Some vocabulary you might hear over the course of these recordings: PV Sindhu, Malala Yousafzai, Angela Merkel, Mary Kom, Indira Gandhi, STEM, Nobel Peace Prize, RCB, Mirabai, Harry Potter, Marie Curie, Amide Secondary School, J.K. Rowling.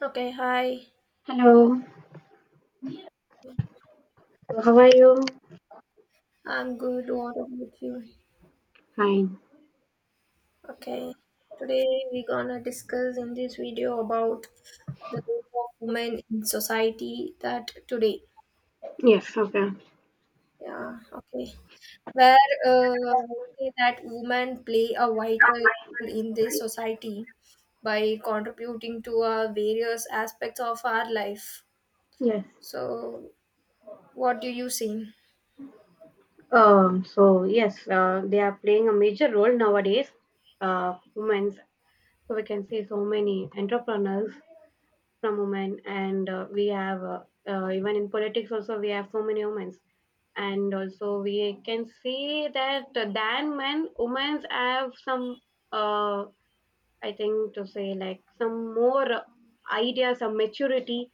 Okay, hi. Hello, how are you? I'm good. What about you? Fine. Okay. Today we're gonna discuss in this video about the role of women in society that today. Yes, okay. Yeah, okay. Where uh, say that women play a vital role in this society by contributing to various aspects of our life. Yes. So, what do you see? They are playing a major role nowadays, women. So we can see so many entrepreneurs from women, and we have even in politics also we have so many women, and also we can see that than men, women have some uh, I think to say like some more ideas, some maturity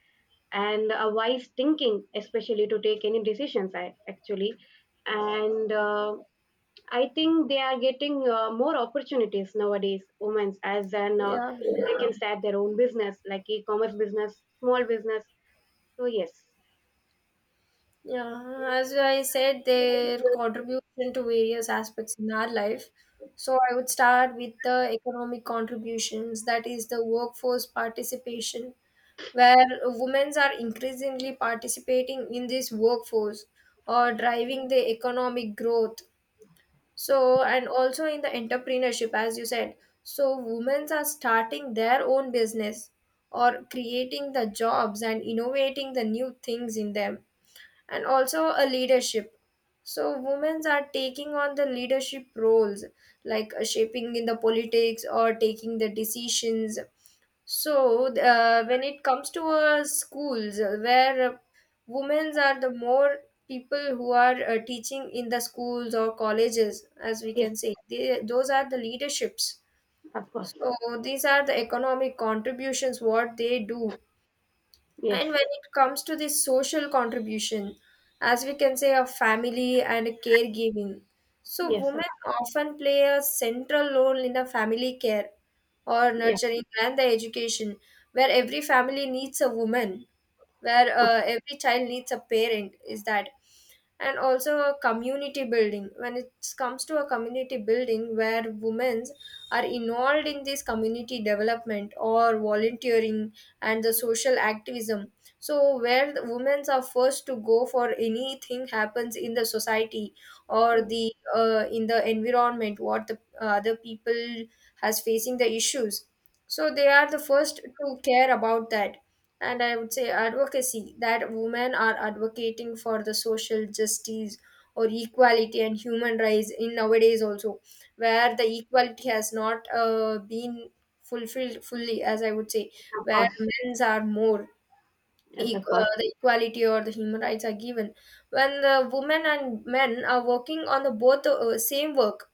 and a wise thinking, especially to take any decisions. I actually, and I think they are getting more opportunities nowadays. Women, as an. Yeah. They can start their own business, like e-commerce business, small business. So yes, Yeah, as I said, their contribution to various aspects in our life. So I would start with the economic contributions, that is the workforce participation, where women are increasingly participating in this workforce or yeah. driving the economic growth. So, and also in the entrepreneurship, as you said. So women are starting their own business or creating the jobs and innovating the new things in them, and also a leadership, so women are taking on the leadership roles like shaping in the politics or taking the decisions. So when it comes to schools where women are the more people who are teaching in the schools or colleges, as we Yes, can say, they, those are the leaderships. of course. So these are the economic contributions what they do. Yes, And when it comes to the social contribution, as we can say, a family and a caregiving, so yes, of-, women often play a central role in the family care or yes, nurturing and the education, where every family needs a woman, where of, every child needs a parent, is that. And also a community building, when it comes to a community building where women are involved in this community development or volunteering and the social activism, so where the women are first to go for anything happens in the society or yes, the in the environment, what the other people has facing the issues, so they are the first to care about that. And I would say advocacy, that women are advocating for the social justice or equality and human rights in nowadays also, where the equality has not been fulfilled fully, as I would say, of where course, men's are more yes, of course. The equality or the human rights are given when the women and men are working on the both same work.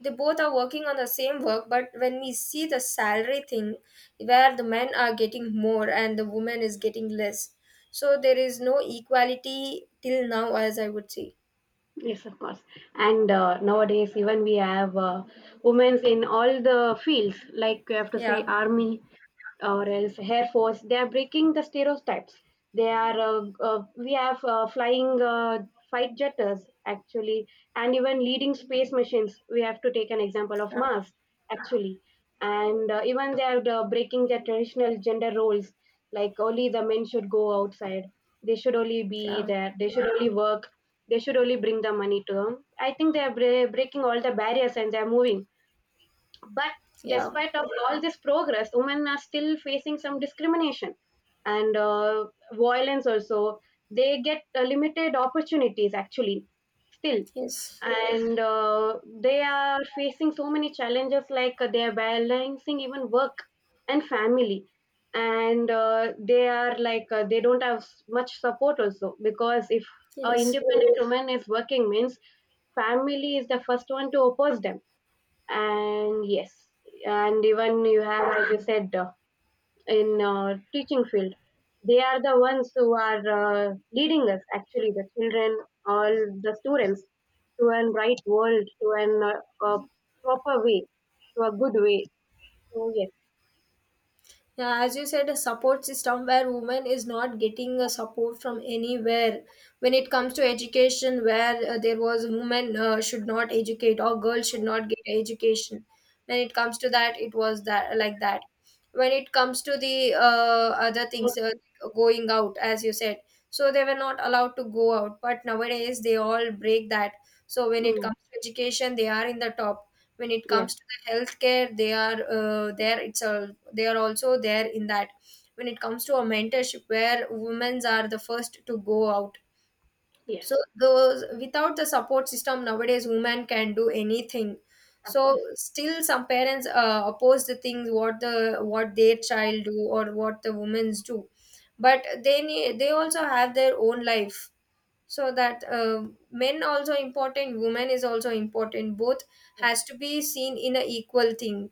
They both are working on the same work, but when we see the salary thing, where the men are getting more and the woman is getting less, so there is no equality till now, as I would say. Yes, of course. And nowadays, even we have women in all the fields, like you have to say Yeah, army or else air force. They are breaking the stereotypes. They are. We have flying fight jetters actually, and even leading space missions. We have to take an example of yeah, Mars actually, and even they are breaking their traditional gender roles, like only the men should go outside. They should only be yeah, there. They should only work, they should only bring the money to them. I think they are breaking all the barriers and they are moving, but yeah, despite of all this progress, women are still facing some discrimination and violence also. They get limited opportunities actually, still. yes, And they are facing so many challenges, like they are balancing even work and family, and they are like they don't have much support also, because if a yes. independent woman is working means family is the first one to oppose them. And yes, and even you have, as you said, in teaching field, they are the ones who are leading us, actually the children, all the students, to an right world, to an a proper way, to a good way. So yes, Yeah, as you said, a support system where women is not getting a support from anywhere. When it comes to education, where there was women should not educate or girls should not get education. When it comes to that, it was that like that. When it comes to the other things both-, going out, as you said, so they were not allowed to go out. But nowadays, they all break that. So when it mm, comes to education, they are in the top. When it yes, comes to the healthcare, they are there. It's a they are also there in that. When it comes to a mentorship, where women are the first to go out, so yes, those without the support system nowadays women can do anything. of So course, still some parents oppose the things what the what their child do or what the women's do, but they also have their own life. So that men also important, women is also important, both yes, has to be seen in a equal thing.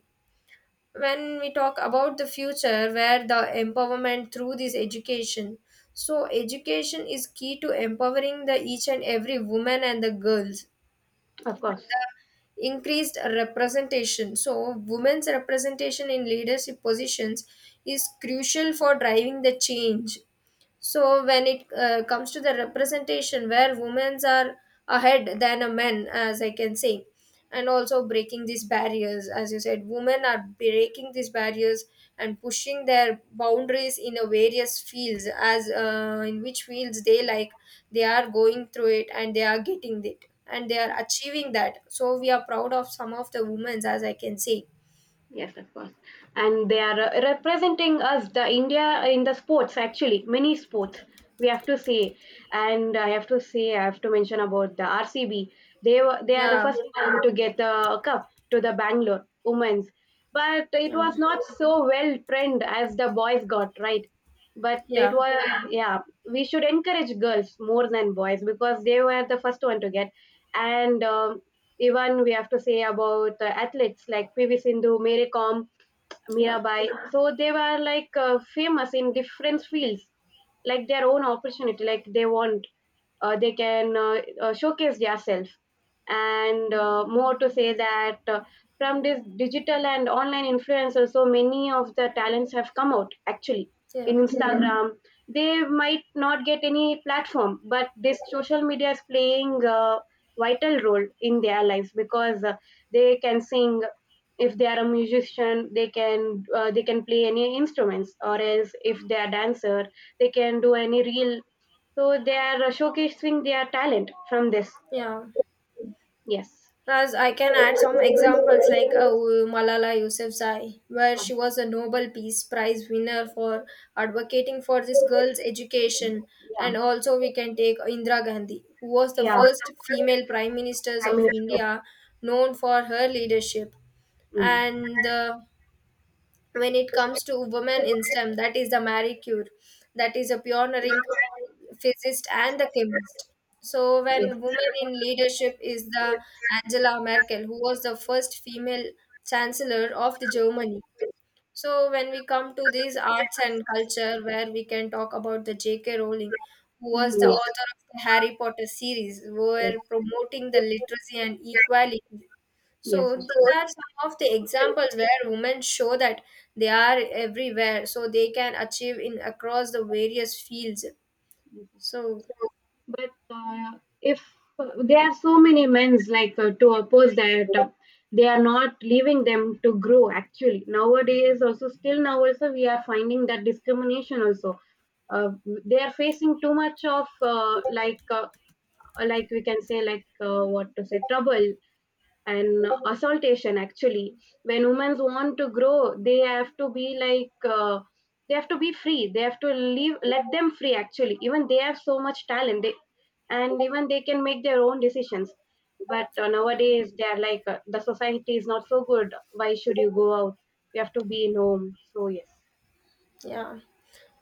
When we talk about the future, where the empowerment through this education, so education is key to empowering the each and every woman and the girls. of course. Increased representation, so women's representation in leadership positions is crucial for driving the change. So when it comes to the representation, where women are ahead than a men, as I can say, and also breaking these barriers, as you said, women are breaking these barriers and pushing their boundaries in a various fields, as in which fields they like, they are going through it and they are getting it and they are achieving that. So we are proud of some of the women, as I can say. Yes, of course. And they are representing us, the India, in the sports, actually, many sports. We have to say, and I have to say, I have to mention about the RCB. They were, they are the Yeah, first one to get the cup to the Bangalore women's, but it yeah, was not so well trend as the boys got, right. But it yeah, was, yeah, we should encourage girls more than boys because they were the first one to get. And even we have to say about the athletes like PV Sindhu, Mary Kom, yeah, Mirabai. So they were like famous in different fields, like their own opportunity, like they want, they can showcase themselves. And more to say that from this digital and online influencers, so many of the talents have come out, actually, yeah, in Instagram. They might not get any platform, but this social media is playing a vital role in their lives because they can sing, if they are a musician they can play any instruments, or else if they are dancer they can do any real, so they are showcasing their talent from this. yeah. Yes, Plus, I can add some examples like Malala Yousafzai, where she was a Nobel Peace Prize winner for advocating for this girls' education. yeah, And also, we can take Indira Gandhi, who was the yeah. Also first female prime minister prime of minister. India, known for her leadership. Mm. And when it comes to women in STEM, that is the Marie Curie, that is a pioneering physicist and the chemist. So, Yes. when women in leadership is the Angela Merkel, who was the first female chancellor of the Germany. So, when we come to these arts and culture, where we can talk about the J.K. Rowling, who Mhm. was the Yes, author of the Harry Potter series, who were promoting the literacy and equality. yes, So yes. these are some of the examples where women show that they are everywhere, so they can achieve in across the various fields. Yes. So If there are so many men's like to oppose that they are not leaving them to grow, actually nowadays also, still now also we are finding that discrimination also. uh, they are facing too much of like we can say, like what to say, trouble and assaultation actually. When women want to grow they have to be like they have to be free, they have to leave, let them free, actually, even they have so much talent they, and even they can make their own decisions. But yeah. nowadays they are like the society is not so good, why should you go out, you have to be in home. So yes. Yeah.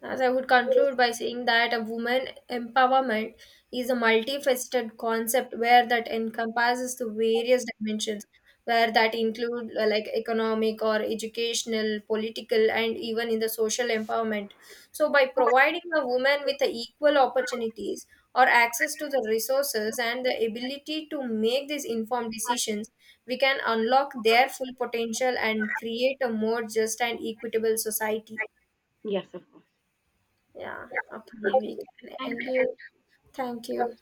As I would conclude by saying that a woman empowerment is a multifaceted concept where that encompasses the various dimensions, where that include like economic or educational, political, and even in the social empowerment. So by providing a woman with the equal opportunities or access to the resources and the ability to make these informed decisions, we can unlock their full potential and create a more just and equitable society. Yes, of course. Yeah. Okay, we can Thank end. you. Thank you.